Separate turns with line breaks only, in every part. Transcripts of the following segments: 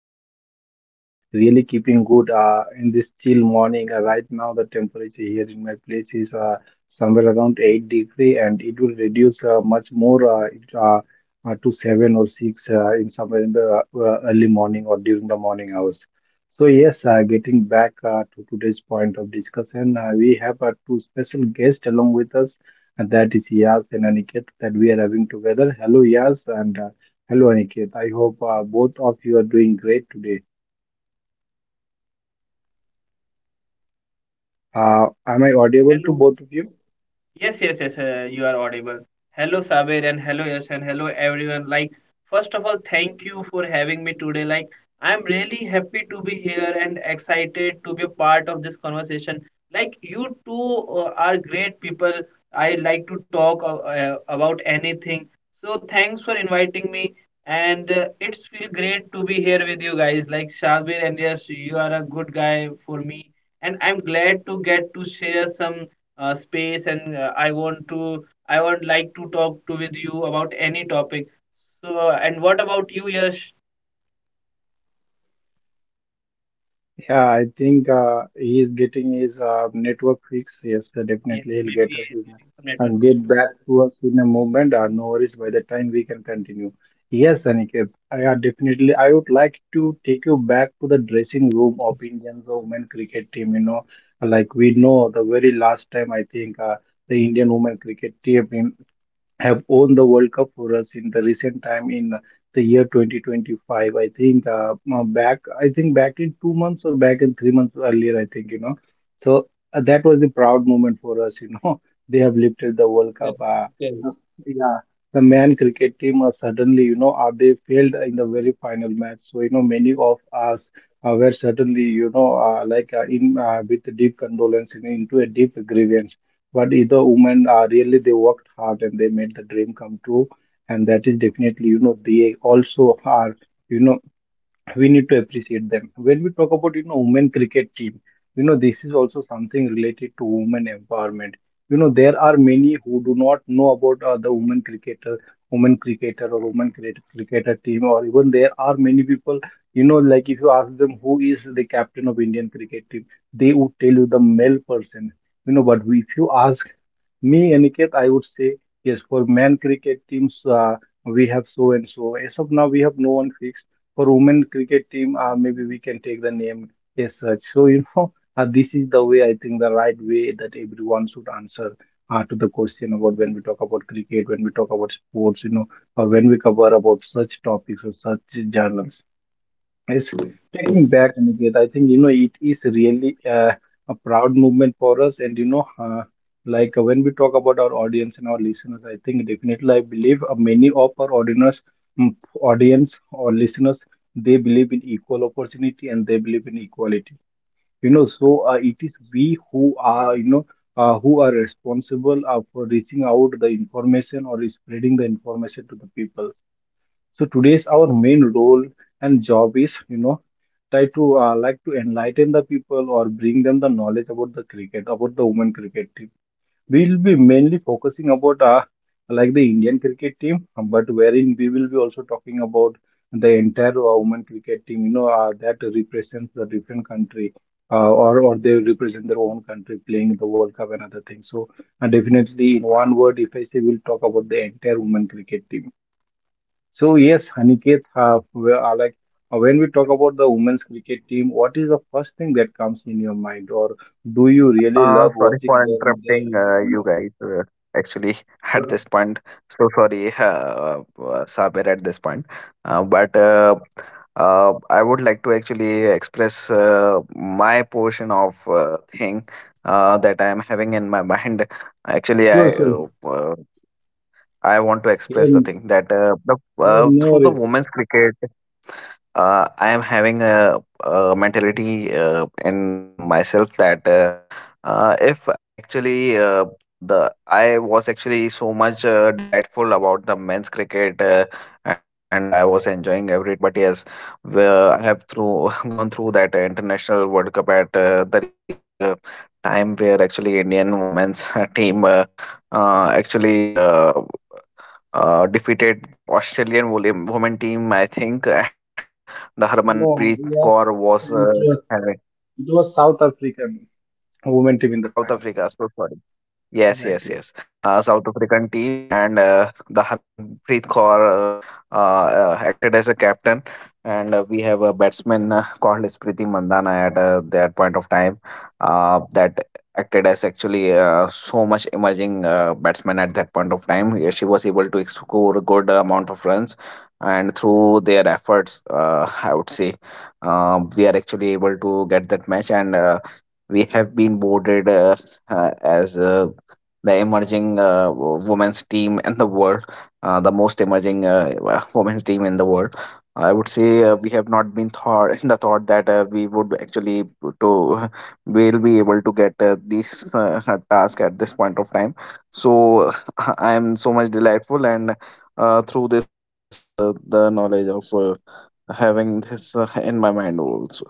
everyone are really keeping good in this chill morning. Right now, the temperature here in my place is somewhere around 8 degree, and it will reduce to 7 or 6 in somewhere in the early morning or during the morning hours. So yes, getting back to today's point of discussion, we have two special guests along with us. And that is Yas and Aniket that we are having together. Hello, Yas, and hello, Aniket. I hope both of you are doing great today. Am I audible to
Hello.
both of you?
Yes, yes, yes, you are audible. Hello, Sabir, and hello, Yash, and hello, everyone. Like, first of all, thank you for having me today. Like, I'm really happy to be here and excited to be a part of this conversation. Like, you two are great people. I like to talk about anything. So, thanks for inviting me. And it's feel great to be here with you guys. Like, Sabir and Yash, you are a good guy for me, and I'm glad to get to share some space, and I would like to talk to with you about any topic. So, and what about you, Yash?
Yeah, I think he is getting his network fix. Yes,
Yes,
definitely he'll
maybe
get us
some network
and get
issue.
back to us in a moment. No worries. By the time we can continue. Yes, Aniket, I definitely. I would like to take you back to the dressing room opinions of women cricket team. You know, like we know the very last time I think the Indian women cricket team in have won the World Cup for us in the recent time in the year 2025. I think back, I think back in 2 months or back in 3 months earlier. I think you know, so that was a proud moment for us. You know, they have lifted the World Cup.
Yes, yes.
Uh, yeah, the man cricket team suddenly you know they failed in the very final match. So you know, many of us. Were certainly, you know, in with deep condolence, you know, into a deep grievance. But either woman, really, they worked hard and they made the dream come true, and that is definitely, you know, they also are, you know, we need to appreciate them. When we talk about you know women cricket team, you know this is also something related to women empowerment. You know there are many who do not know about the women cricketer or women cricket cricketer team, or even there are many people. You know, like if you ask them who is the captain of Indian cricket team, they would tell you the male person. You know, but if you ask me, Aniket, I would say yes. For men cricket teams, we have so and so. As of now, we have no one fixed for women cricket team, maybe we can take the name as such. So, you know, this is the way I think the right way that everyone should answer to the question about when we talk about cricket, when we talk about sports, you know, or when we cover about such topics or such journals is taking back Aniket. I think you know it is really a proud movement for us, and you know, when we talk about our audience and our listeners, I think definitely I believe many of our audience, mm, audience or listeners, they believe in equal opportunity and they believe in equality. You know, so it is we who are you know. Who are responsible for reaching out the information or spreading the information to the people, so today's our main role and job is, you know, try to like to enlighten the people or bring them the knowledge about the cricket, about the women cricket team. We'll be mainly focusing about like the Indian cricket team, but wherein we will be also talking about the entire women cricket team, you know, that represents the different country. Or they represent their own country playing the World Cup and other things. So definitely in one word, if I say we'll talk about the entire women cricket team. So yes, Aniket, we are like when we talk about the women's cricket team, what is the first thing that comes in your mind, or do you really love
Sorry
watching
for
them?
interrupting
them
you guys. Actually, at this point, so sorry, Sabir, at this point. But I would like to actually express my portion of thing that I am having in my mind. Actually,
Sure, sure.
I want to express the
Um,
thing that
yeah, no,
through the
worries.
women's cricket, I am having a mentality in myself that if I actually the I was actually so much delightful about the men's cricket, and I was enjoying every time. But yes, I have through gone through that international World Cup at the recent time where actually indian women's team actually defeated the women team, I think, and the
No,
Harmanpreet
yes,
Kaur was
it was,
uh,
it was South African women team in the
South
final.
Africa. So sorry. Yes,
Right,
yes,
yeah.
yes. South African team and the Harmanpreet Kaur acted as a captain, and we have a batsman called Smriti Mandhana at that point of time. That acted as actually so much emerging batsman at that point of time. Yeah, she was able to score a good amount of runs, and through their efforts, I would say, we are actually able to get that match and. We have been boarded as the emerging women's team in the world, the most emerging women's team in the world. I would say we have not been thought in the thought that we would actually to we'll be able to get this task at this point of time. So I am so much delightful, and through this only I have the knowledge of having this in my mind also.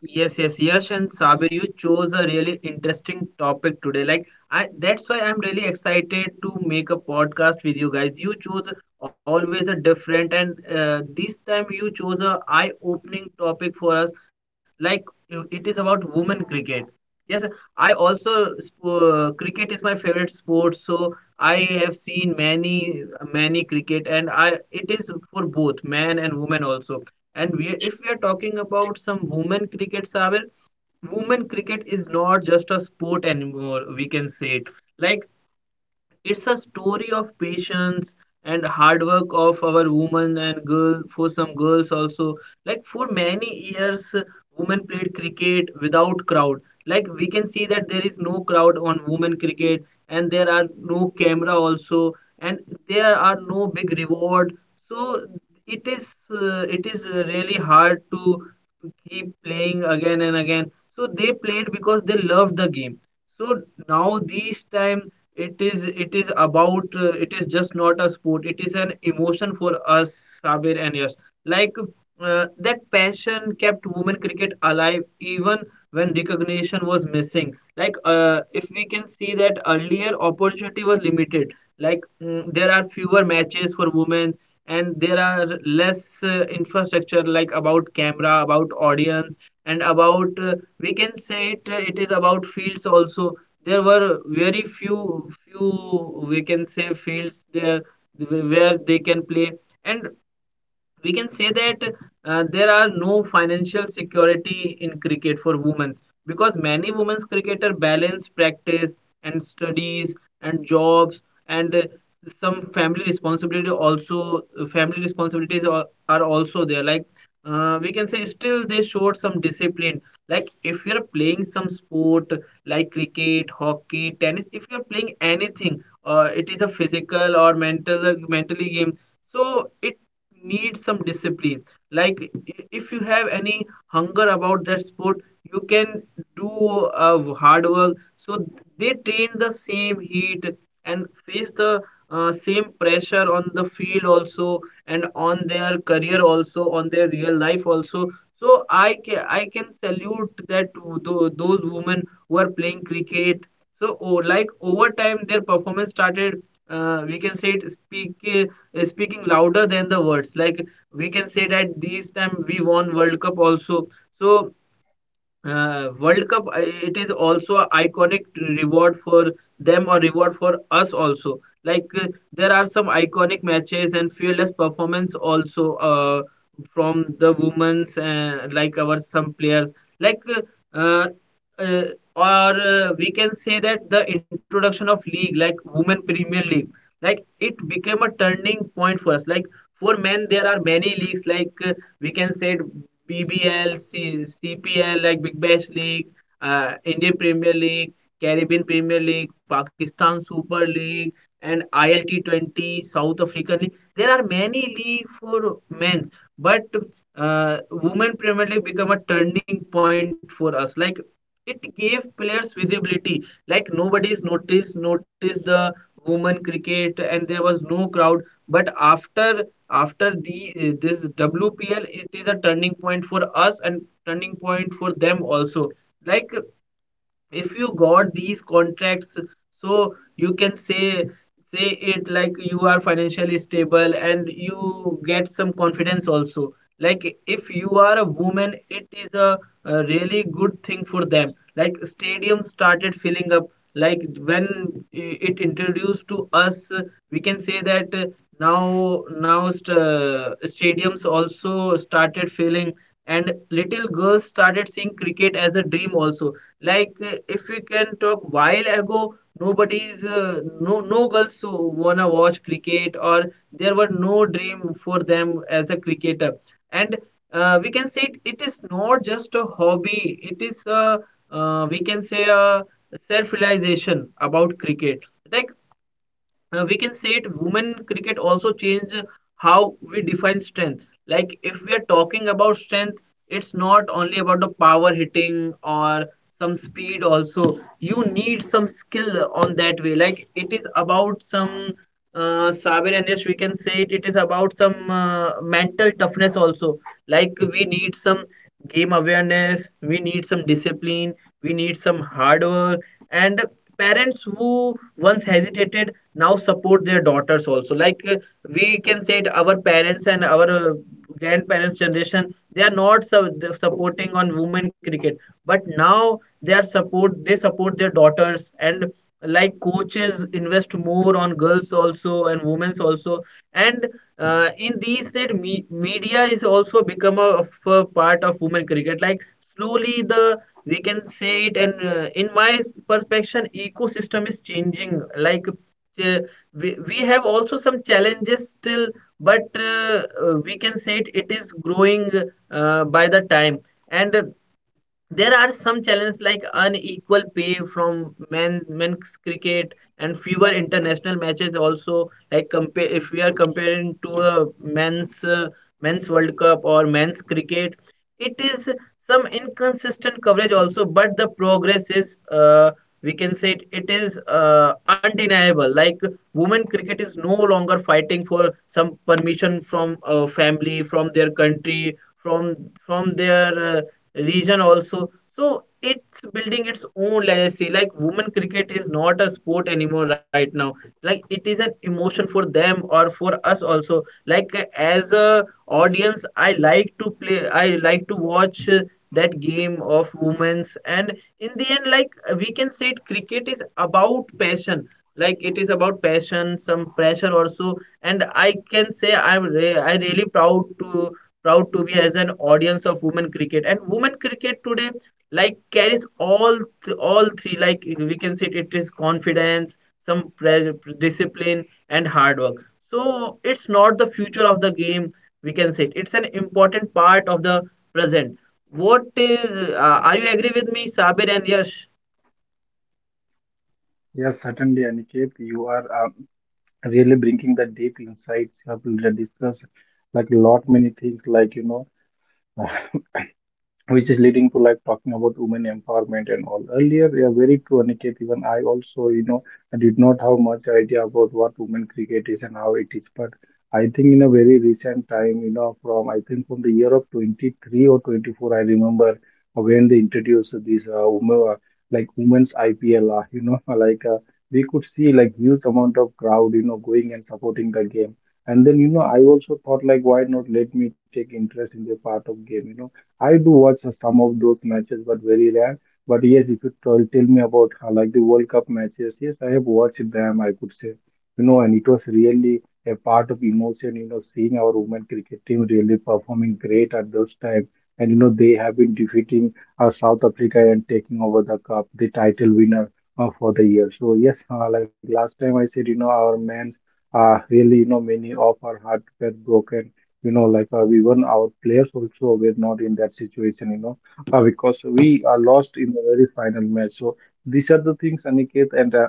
Yes, yes, Yash and Sabir, you chose a really interesting topic today. Like I, that's why I'm really excited to make a podcast with you guys. You chose always a different, and this time you chose a eye-opening topic for us. Like you- it is about women cricket. Yes, I also cricket is my favorite sport, so I have seen many many cricket, and I it is for both man and woman also. And we, if we are talking about some women cricket, Saber, women cricket is not just a sport anymore. We can say it like it's a story of patience and hard work of our women and girl for some girls also. Like for many years, women played cricket without crowd. Like we can see that there is no crowd on women cricket, and there are no camera also, and there are no big reward. So it is really hard to keep playing again and again. So they played because they loved the game. So now this time it is about it is just not a sport. It is an emotion for us, Sabir and Yash. Like that passion kept women cricket alive even when recognition was missing. Like if we can see that earlier opportunity was limited. Like there are fewer matches for women, and there are less infrastructure like about camera, about audience, and about we can say it, it is about fields also. There were very few few we can say fields there where they can play. And we can say that there are no financial security in cricket for women, because many women's cricketer balance practice and studies and jobs and some family responsibility also. Family responsibilities are also there. Like we can say still they showed some discipline. Like if you're playing some sport, like cricket, hockey, tennis, if you're playing anything, it is a physical or mentally game. So need some discipline. Like if you have any hunger about that sport, you can do hard work. So they train the same heat and face the same pressure on the field also, and on their career also, on their real life also. So I can salute that to those women who are playing cricket. So oh, like over time their performance started, we can say it speak, speaking louder than the words. Like we can say that these time we won world cup also. So World Cup, it is also a iconic reward for them or reward for us also. Like there are some iconic matches and fearless performance also from the women's like our some players. Like uh, uh, or we can say that the introduction of league like Women Premier League, like it became a turning point for us. Like for men, there are many leagues like we can say it PBL, CPL, like Big Bash League, Indian Premier League, Caribbean Premier League, Pakistan Super League, and ILT20 South African League. There are many league for men's, but women Premier League become a turning point for us. Like it gave players visibility. Like nobody's noticed the women cricket, and there was no crowd. But after the this WPL, it is a turning point for us and turning point for them also. Like if you got these contracts, so you can say it like you are financially stable and you get some confidence also. Like if you are a woman, it is a really good thing for them. Like stadium started filling up, like when it introduced to us, we can say that now stadiums also started filling, and little girls started seeing cricket as a dream also. Like if we can talk while ago, nobody's no no girls wanna watch cricket, or there were no dream for them as a cricketer. And we can say it, it is not just a hobby. It is a we can say a self realization about cricket. Like we can say it women cricket also change how we define strength. Like if we are talking about strength, it's not only about the power hitting or some speed also. You need some skill on that way. Like it is about some Sabir and Yash, we can say it, it is about some mental toughness also. Like we need some game awareness, we need some discipline, we need some hard work, and parents who once hesitated now support their daughters also. Like we can say it, our parents and our grandparents generation they are not supporting on women cricket, but now they are support they support their daughters. And like coaches invest more on girls also and women's also. And in these said media is also become a, of a part of women cricket. Like slowly the we can say it, and in my perception ecosystem is changing. Like uh, we have also some challenges still, but we can say it, it is growing by the time. And there are some challenges like unequal pay from men's cricket, and fewer international matches also. Like compare if we are comparing to a men's men's World Cup or men's cricket, it is some inconsistent coverage also, but the progress is we can say it, it is undeniable. Like women cricket is no longer fighting for some permission from a family, from their country, from their region also. So it's building its own legacy. Like women cricket is not a sport anymore right now. Like it is an emotion for them or for us also. Like as a audience, I like to play. I like to watch that game of women's. And in the end, like we can say, it cricket is about passion. Like it is about passion, some pressure also. And I can say I'm I really proud to be as an audience of women cricket. And women cricket today, like, carries all all three, like we can say it is confidence, some discipline, and hard work. So it's not the future of the game, we can say it. It's an important part of the present. What is are you agree with me, Sabir and Yash?
Yes, certainly, Aniket, you are really bringing the deep insights. You have really discussed like lot many things, like you know. Which is leading to like talking about women empowerment and all. Earlier, yeah, very true, Aniket. Even I also, you know, I did not have much idea about what women cricket is and how it is. But I think in a very recent time, you know, from I think from the year of 23 or 24, I remember when they introduced this women, like women's IPL, you know, like we could see like huge amount of crowd, you know, going and supporting the game. And then, you know, I also thought like, why not let me take interest in the part of game, you know I do watch some of those matches, but very rare. But yes, if you tell, tell me about like the World Cup matches, yes, I have watched them, I could say, you know, and it was really a part of emotion, you know, seeing our women cricket team really performing great at those time. And, you know, they have been defeating South Africa and taking over the cup, the title winner for the year. So, yes, like last time I said, you know, our men's really, you know, many of our heart were broken, you know, even our players also were not in that situation, you know, because we are lost in the very final match. So these are the things, Aniket, and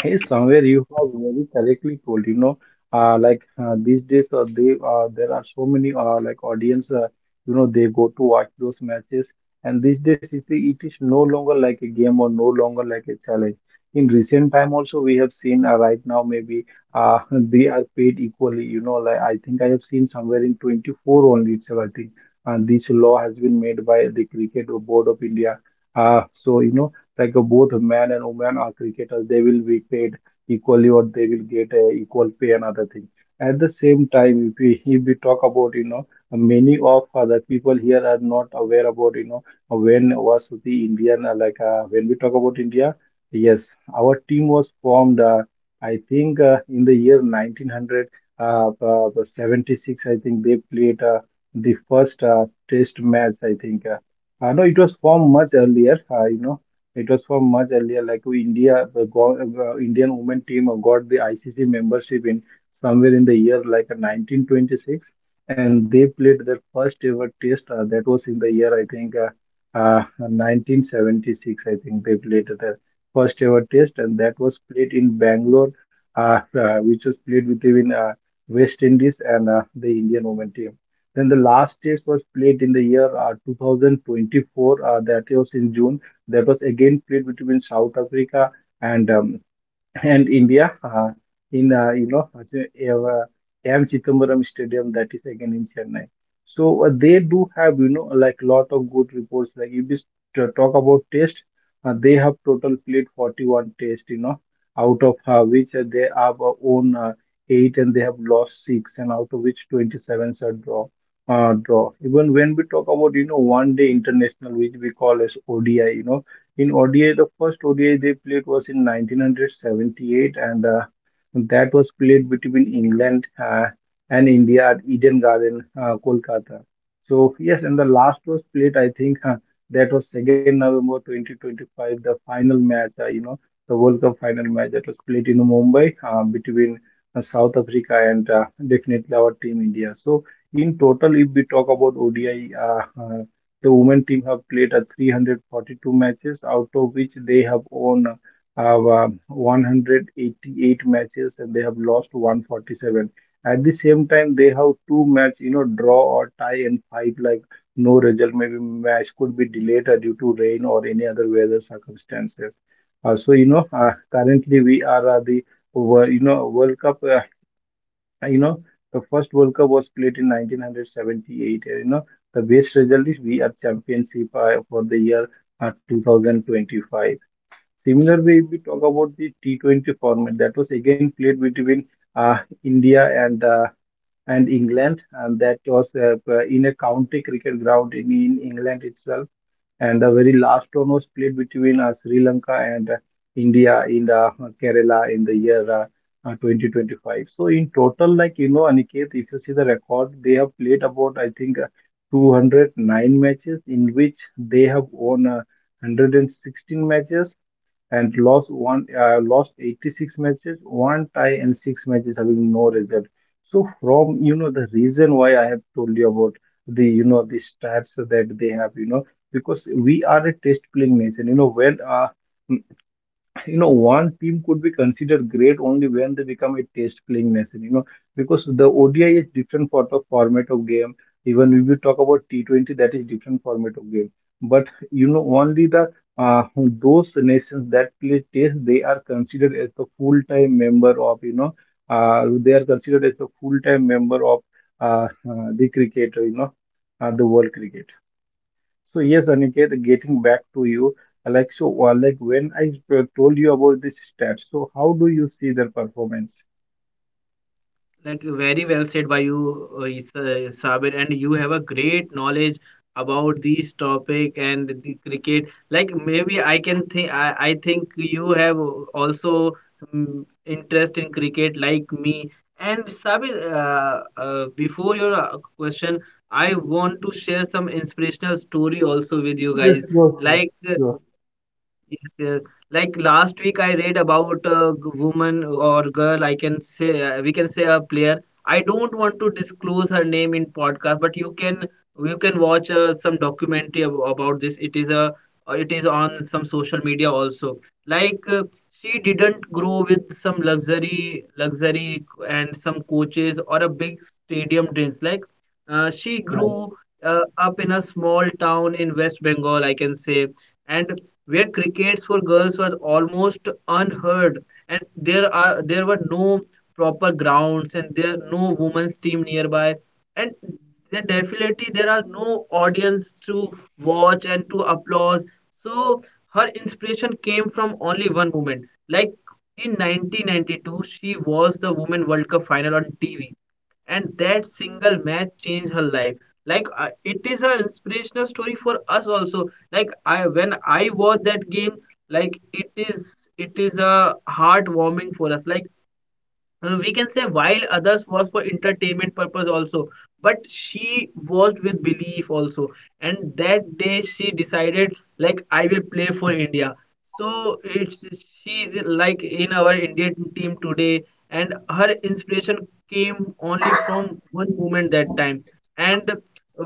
hey, somewhere you have very correctly told, you know, these days they there are so many like audience, you know, they go to watch those matches, and these days it is no longer like a game or no longer like a challenge. In recent time also we have seen right now maybe uh, they are paid equally, you know, like I think I have seen somewhere in 24 only itself, I think, and this law has been made by the Cricket Board of India. So you know both men and women are cricketers, they will be paid equally or they will get equal pay and other things. At the same time, if we talk about you know many of other people here are not aware about you know when was the Indian when we talk about India, yes, our team was formed I think in the year 1900 76, I think they played the first test match, I think no, it was formed much earlier. You know, it was from much earlier, like to India, the Indian women team got the ICC membership in somewhere in the year like 1926, and they played their first ever test. That was in the year I think 1976. I think they played their first ever test, and that was played in Bangalore, which was played between West Indies and the Indian women team. Then the last test was played in the year 2024. That was in June. There was again played between South Africa and um, and India in you know, AM Chittambaram Stadium, that is again in Chennai. So they do have you know like lot of good reports. Like if you talk about test, they have total played 41 test. You know out of which they have won 8 and they have lost 6, and out of which 27s are draw. Even when we talk about, you know, one day international, which we call as ODI, you know, in ODI, the first ODI they played was in 1978, and that was played between England and India at Eden Garden, Kolkata. So yes, and the last was played, I think, that was November 2 2025, the final match, you know, the World Cup final match that was played in Mumbai between South Africa and definitely our team India. So in total, if we talk about ODI, the women team have played 342 matches, out of which they have won uh, 188 matches and they have lost 147. At the same time, they have 2 match, you know, draw or tie and 5 like no result. Maybe match could be delayed due to rain or any other weather circumstances. Currently we are the World Cup. Uh, you know, the first World Cup was played in 1978. The best result is we are championship for the year 2025. Similarly, if we talk about the T20 format, that was again played between India and England, and that was in a county cricket ground in England itself, and the very last one was played between Sri Lanka and India in the Kerala in the year 2025. So in total, like you know, Aniket, if you see the record, they have played about I think 209 matches, in which they have won 116 matches and lost 86 matches, one tie and six matches having no result. So from the reason why I have told you about the the stats that they have, because we are a test playing nation. When one team could be considered great only when they become a test playing nation, because the ODI is different sort of format of game. Even if you talk about T20, that is different format of game. But only the uh, those nations that play test they are considered as the full time member of you know they are considered as the full time member of the cricket, the world cricket. So yes, Aniket, getting back to you, like when I told you about this stats, so how do you see their performance?
Like very well said by you, Sabir, and you have a great knowledge about this topic and the cricket. Like maybe I can think, I think you have also interest in cricket like me. And Sabir, before your question, I want to share some inspirational story also with you
Yes,
guys.
yes, yes,
Like
yes.
yes, yes. Like last week, I read about a woman or girl. I can say we can say a player. I don't want to disclose her name in podcast, but you can watch some documentary about this. It is a it is on some social media also. Like she didn't grow with some luxury and some coaches or a big stadium dreams. Like she
Right,
grew up in a small town in West Bengal. I can say, and where crickets for girls was almost unheard, and there were no proper grounds, and there no women's team nearby, and then definitely there are no audience to watch and to applause. So her inspiration came from only one moment. Like in 1992 she was the women world cup final on TV, and that single match changed her life. Like it is an inspirational story for us also. Like I when I watch that game, like it is a heartwarming for us. Like we can say while others was for entertainment purpose also, but she was with belief also. And that day she decided, like I will play for India. So it's she's like in our Indian team today, and her inspiration came only from one moment that time. And uh,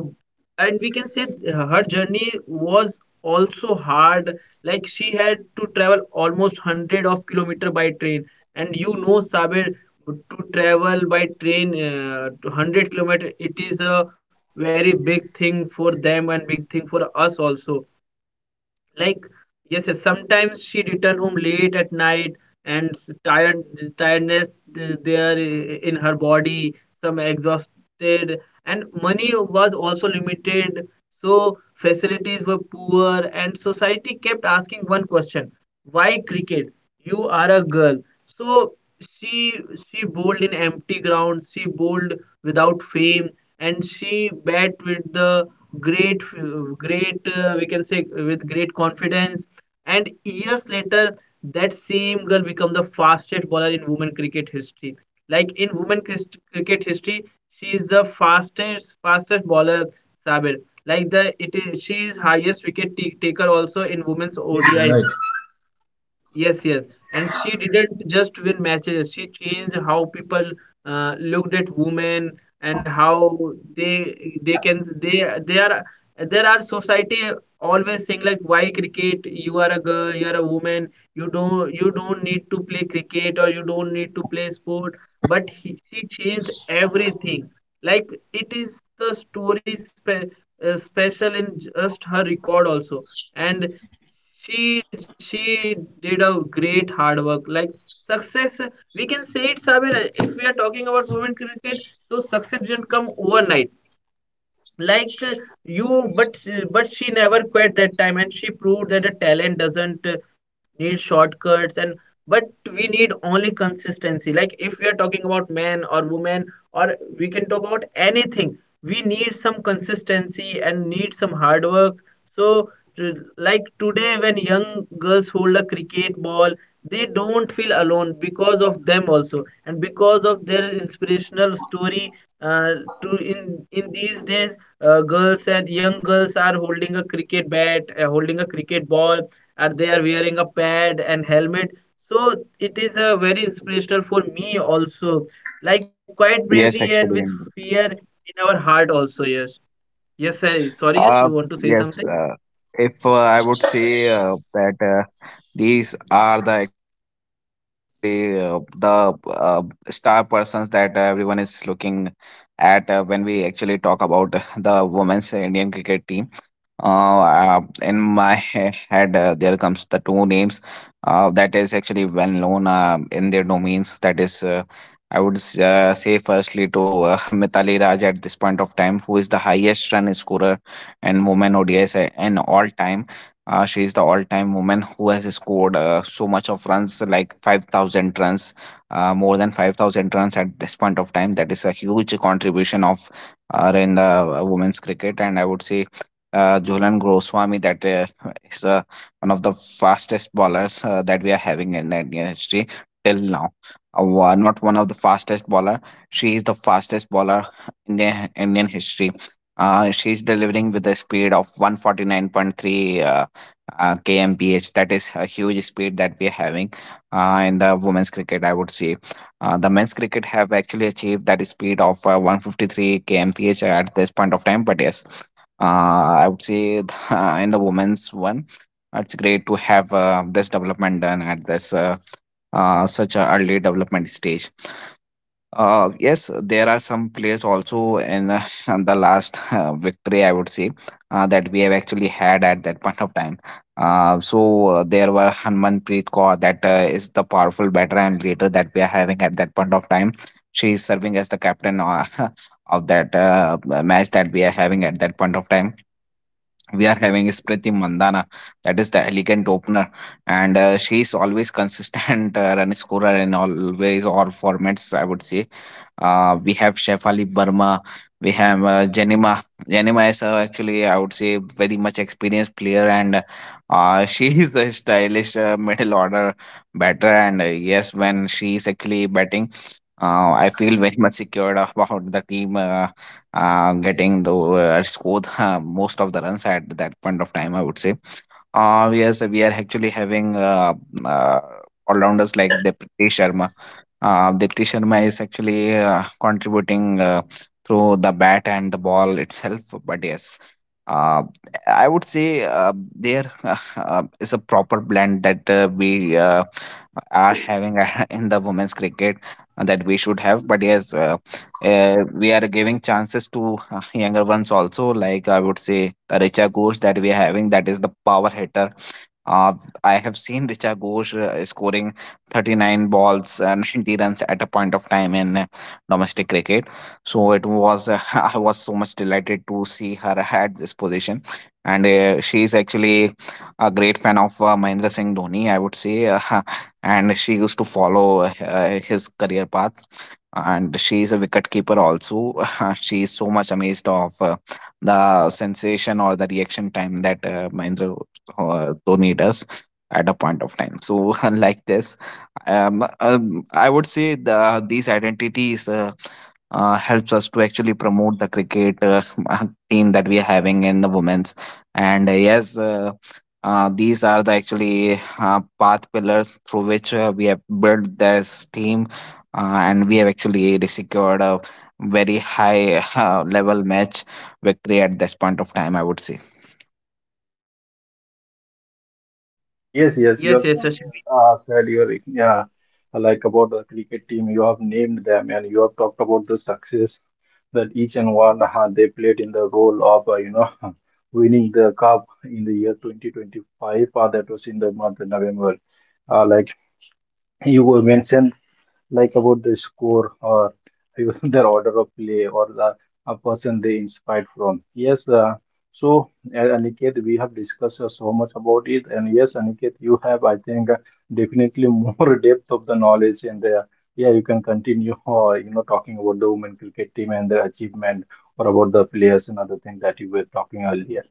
and we can say her journey was also hard. Like she had to travel almost 100 of kilometer by train. And you know, Sabir, to travel by train to 100 kilometer, it is a very big thing for them and big thing for us also. Like yes, yes, sometimes she returned home late at night and tired, tiredness there in her body, some exhausted. And money was also limited, so facilities were poor, and society kept asking one question, why cricket? You are a girl. So she she bowled in empty ground, she bowled without fame, and she bat with the great we can say with great confidence. And years later that same girl become the fastest bowler in women cricket history. Like in women cricket history she is the fastest bowler, Sabir. Like the it is she is highest wicket taker also in women's
yes, you're right.
ODIs. Yes, yes. And she didn't just win matches. She changed how people looked at women, and how they can they are there are society always saying, like, why cricket? You are a girl, you are a woman, you don't need to play cricket, or you don't need to play sport. But he, she changed everything. Like it is the story special in just her record also. And she she did a great hard work. Like success, we can say it, Sabir, if we are talking about women cricket, so success didn't come overnight. Like you but but she never quit that time, and she proved that the talent doesn't need shortcuts. And but we need only consistency. Like if we are talking about man or woman, or we can talk about anything, we need some consistency and need some hard work. So like today when young girls hold a cricket ball, they don't feel alone because of them also and because of their inspirational story. uh, to in these days, girls and young girls are holding a cricket bat, holding a cricket ball, and they are wearing a pad and helmet. So it is very inspirational for me also. Like quite bravely
Yes,
and with
actually.
fear in our heart also. Yes. Yes, sir. Sorry, yes. You
Uh,
want to say
yes.
something?
If I would say that these are the actually the star persons that everyone is looking at when we actually talk about the women's Indian cricket team. Uh, in my head, there comes the two names that is actually well known in their domains. That is, say, firstly to Mithali Raj at this point of time, who is the highest run scorer in women ODIs in all time. She is the all-time woman who has scored so much of runs, like 5,000 runs, more than 5,000 runs at this point of time. That is a huge contribution of are in the women's cricket, and I would say Jhulan Goswami that is one of the fastest bowlers that we are having in the Indian history till now. One, not one of the fastest bowler. She is the fastest bowler in the Indian history. She is delivering with a speed of 149.3 kmph. That is a huge speed that we are having in the women's cricket, I would say. The men's cricket have actually achieved that speed of 153 kmph at this point of time. But yes, I would say the, in the women's one, it's great to have this development done at this such a early development stage. Yes, there are some players also in the last victory, I would say, that we have actually had at that point of time. There were Harmanpreet Kaur, that is the powerful batter and leader that we are having at that point of time. She is serving as the captain of that match that we are having at that point of time we are having is Priti Mandana, that is the elegant opener, and she is always consistent run scorer in always all formats. I would say, we have Shefali Burma, we have Janima. Janima is actually, I would say, very much experienced player, and she is a stylish middle order batter. And yes, when she is actually batting, I feel very much secured about the team. Getting the scored most of the runs at that point of time, I would say. Yes, we are actually having uh, all rounders like Deepti Sharma. Deepti Sharma is actually contributing through the bat and the ball itself. But yes. Uh, I would say there is a proper blend that we are having in the women's cricket that we should have. But yes, we are giving chances to younger ones also, like I would say the richa ghosh that we are having that is the power hitter. uh, I have seen Richa Ghosh scoring 39 balls and 90 runs at a point of time in domestic cricket. So it was, I was so much delighted to see her at this position. And she is actually a great fan of Mahendra Singh Dhoni, I would say. And she used to follow his career path. And she is a wicket keeper also. She is so much amazed of the sensation or the reaction time that Mahendra donate us at a point of time. So, like this, I would say these identities helps us to actually promote the cricket team that we are having in the women's. And yes, these are the actually path pillars through which we have built this team, and we have actually secured a very high level match victory at this point of time, I would say.
Yes, yes,
Yes,
you have
yes, yes.
said your yeah, like about the cricket team, you have named them and you have talked about the success that each and one they played in the role of winning the cup in the year 2025, that was in the month of November. Like you were mentioned like about the score or their order of play or the a person they inspired from. Yes, Aniket, we have discussed so much about it, and yes, Aniket, you have, I think, definitely more depth of the knowledge, and yeah, you can continue, talking about the women cricket team and their achievement, or about the players and other things that you were talking earlier.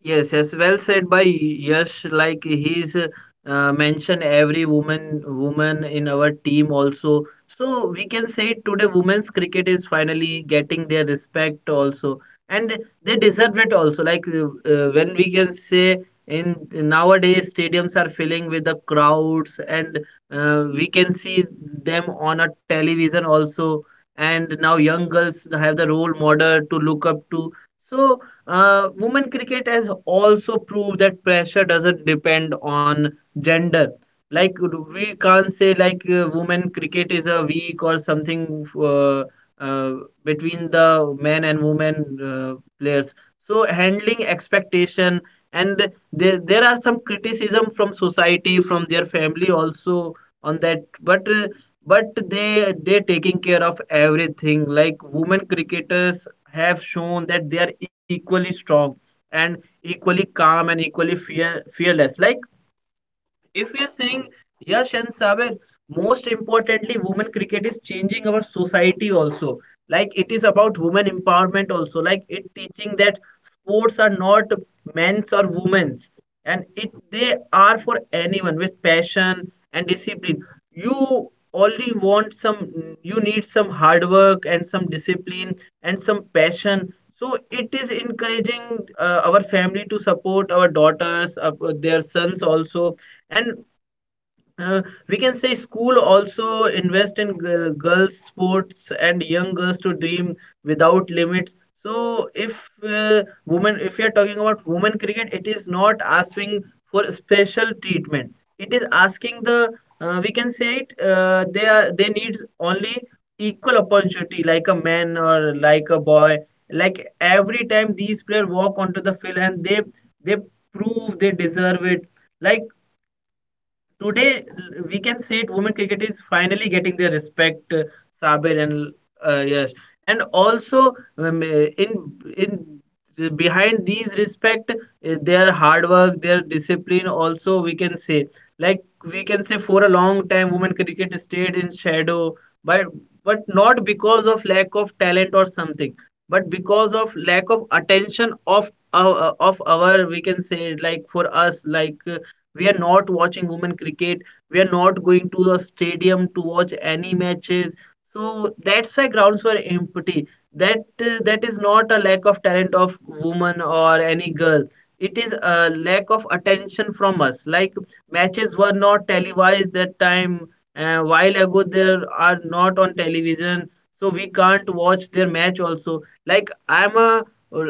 Yes, yes, well said by Yash. Like he's mentioned every woman in our team also. So we can say today women's cricket is finally getting their respect also, and they deserve it also. Like when we can say in nowadays stadiums are filling with the crowds, and we can see them on a television also. And now young girls have the role model to look up to. So women cricket has also proved that pressure doesn't depend on gender. Like we can't say, like, women cricket is a weak or something uh, between the men and women players. So handling expectation, and there are some criticism from society, from their family also on that. But they taking care of everything. Like women cricketers have shown that they are equally strong, and equally calm, and equally fearless. Like if we are saying, Yash and Sabir, most importantly, women cricket is changing our society also. Like it is about women empowerment also. Like it teaching that sports are not men's or women's, and it they are for anyone with passion and discipline. You only want some, you need some hard work and some discipline and some passion. So it is encouraging our family to support our daughters, their sons also, and uh, we can say school also invest in girls sports, and young girls to dream without limits. So if women, if you are talking about women cricket, it is not asking for special treatment. It is asking the we can say it, they are they needs only equal opportunity, like a man or like a boy. Like every time these players walk onto the field, and they prove they deserve it. Like today, we can say it, women cricket is finally getting their respect, Sabir and Yash. And also, in in behind these respect, their hard work, their discipline. Also, we can say, like we can say, for a long time, women cricket stayed in shadow, but but not because of lack of talent or something, but because of lack of attention of our, we can say, like for us, like, we are not watching women cricket. We are not going to the stadium to watch any matches. So that's why grounds were empty. That that is not a lack of talent of woman or any girl. It is a lack of attention from us. Like matches were not televised that time. While ago, there are not on television, so we can't watch their match also. Like I'm a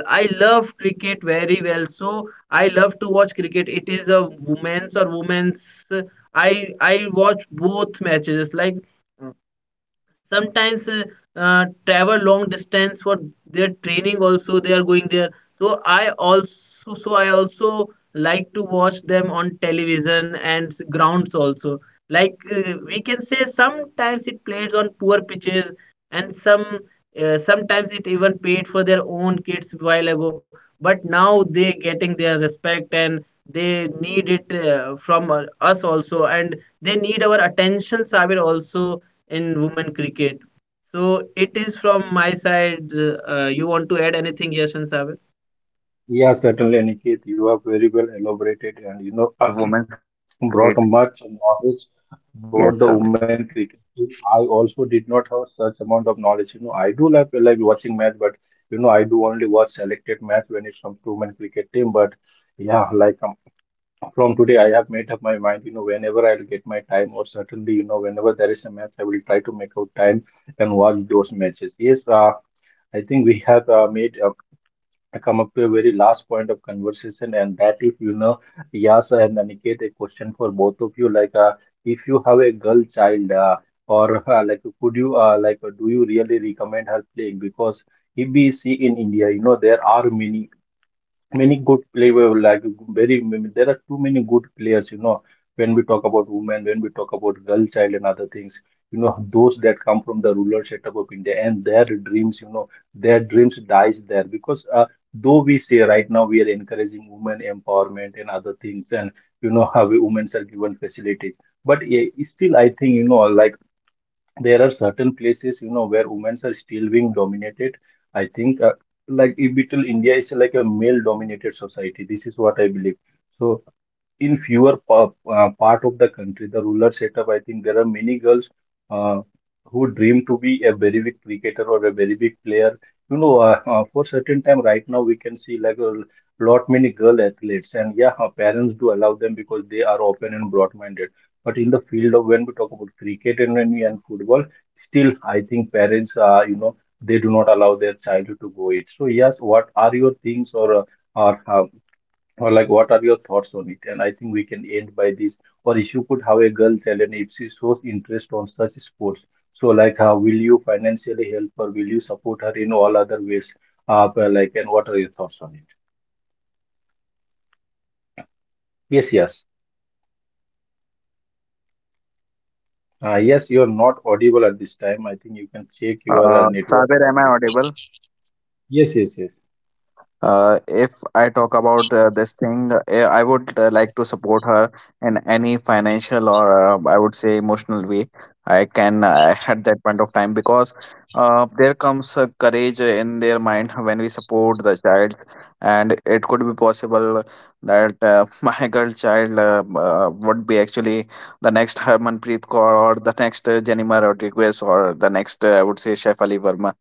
I love cricket very well. So I love to watch cricket. It is a women's or women's. I watch both matches. Like sometimes travel long distance for their training also, they are going there. So I also so I also like to watch them on television and grounds also. Like we can say sometimes it plays on poor pitches, and some sometimes it even paid for their own kids while ago, but now they getting their respect, and they need it from us also, and they need our attention, Sabir, also, in women cricket. So it is from my side. You want to add anything, Yash and Sabir?
Yeah, certainly, Aniket, you have very well
Yes, actually,
elaborated,
when
and
we
you
talk
know.
about women's cricket,
Brought much knowledge
yes,
about the
Sabir.
women cricket team. I also did not have such amount of knowledge. You know, I do like watching match, but you know, I do only watch selected match when it comes to women cricket team. But yeah, from today, I have made up my mind. You know, whenever I'll get my time, or certainly, you know, whenever there is a match, I will try to make out time and watch those matches. Yes, I think we have made. I come up to a very last point of conversation, and that is, you know, Yas and Aniket, a question for both of you. If you have a girl child, or like, could you, like, do you really recommend her playing? Because if we see in India, you know, there are many many good player like very many- there are too many good players, you know, when we talk about women, when we talk about girl child and other things, you know, those that come from the rural setup of India and their dreams, you know, their dreams dies there, because though we say right now we are encouraging women empowerment and other things, and you know women are given facilities. But still I think, you know, like there are certain
Yes,
places, you
Sabir, I
know,
would
where women
say
are still
that
being
we
dominated.
will be giving
I
the
think
chances
if little
to our
India
girl
is like a
child.
male dominated society, this is what I believe. So in part of the country, the rural setup, I think there are many girls uh, who dream to be a very big cricketer or a very big player. You know, for certain time right now, we can see like a lot many girl athletes, and yeah, our parents do allow them because they are open and broad-minded. But in the field of when we talk about cricket and when we and football, still I think parents are, you know, they do not allow their child to go it. So yes, what are your things, or uh, or like, what are your thoughts on it? And I think we can end by this. Or if you could have a girl talent, if she shows interest on such sports, so like how will you financially help or will you support her in all other ways? But like And what are your thoughts on it?
Yeah, I would say, Sabir, that I would
Yes, yes.
support her in every extent I could at a point of time.
Yes, you're not
And
audible at this time. I think you can check your network.
Sabir, am I audible?
Yes, yes, yes.
If I talk about this thing, I would like to support her in any financial or I would say emotional way I can at that point of time, because there comes courage in their mind when we support the child, and it could be possible that my girl child would be actually the next Harmanpreet Kaur or the next Jenima Rodriguez or the next I would say Saif Ali Verma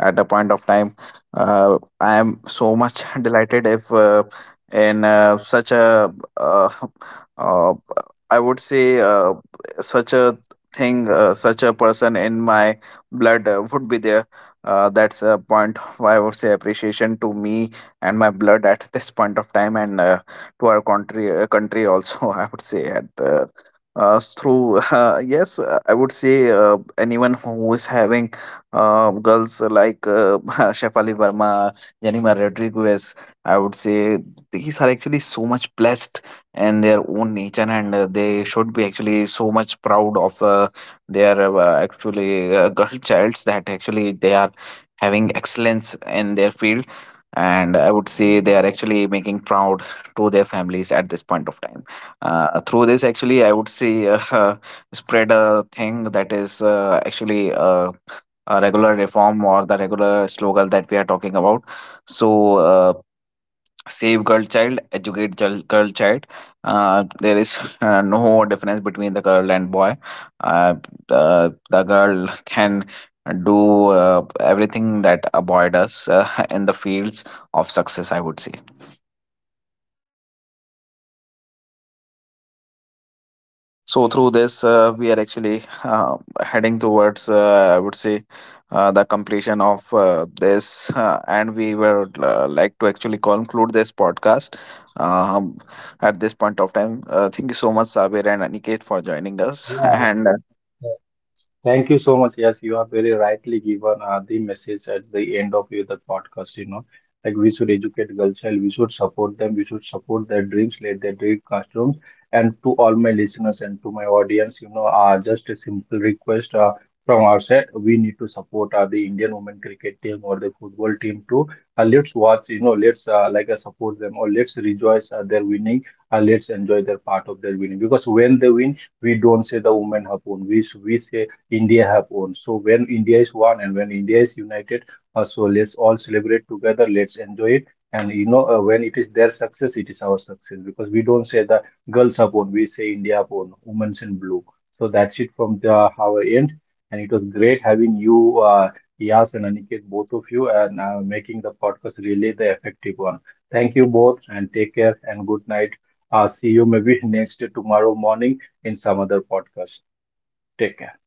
at a point of time. uh. I am so much delighted if in such a uh, uh, I would say such a thing, such a person in my blood would be there. That's a point of, I would say, appreciation to me and my blood at this point of time, and to our country, country also. I would say at the through yes, I would say anyone who is having girls like Shefali Verma, Yanima Rodriguez, I would say these are actually so much blessed in their own nature, and they should be actually so much proud of their actually girl childs that actually they are having excellence in their field, and I would say they are actually making proud to their families at this point of time. Through this, actually, I would say spread a thing that is actually regular reform or the regular slogan that we are talking about. So, save girl child, educate girl, girl child. There is no difference between the girl and boy. Uh, the girl can do everything that a boy does in the fields of success, I would say. So through this, we are actually heading towards, I would say, the completion of this, and we would like to actually conclude this podcast um, at this point of time. Thank you so much, Sabir and Aniket, for joining us, and
Yeah. Thank you so much. Yes, you have very rightly given the message at the end of the podcast. You know, like we should educate girls, child, we should support them, we should support their dreams, let their dream classrooms. And to all my listeners and to my audience, you know, just a simple request from our side, we need to support the Indian women cricket team or the football team too. Let's watch, you know, let's support them, or let's rejoice their winning. Let's enjoy their part of their winning, because when they win we don't say the women have won. We say India have won. So when India is one and when India is united, so let's all celebrate together. Let's enjoy it. And you know, when it is their success, it is our success, because we don't say the girls have won. We say India have won. Women's in blue. So that's it from the our end. And it was great having you, Yas and Aniket, both of you, and making the podcast really the effective one. Thank you both, and take care and good night. See you maybe next tomorrow morning in some other podcast. Take care.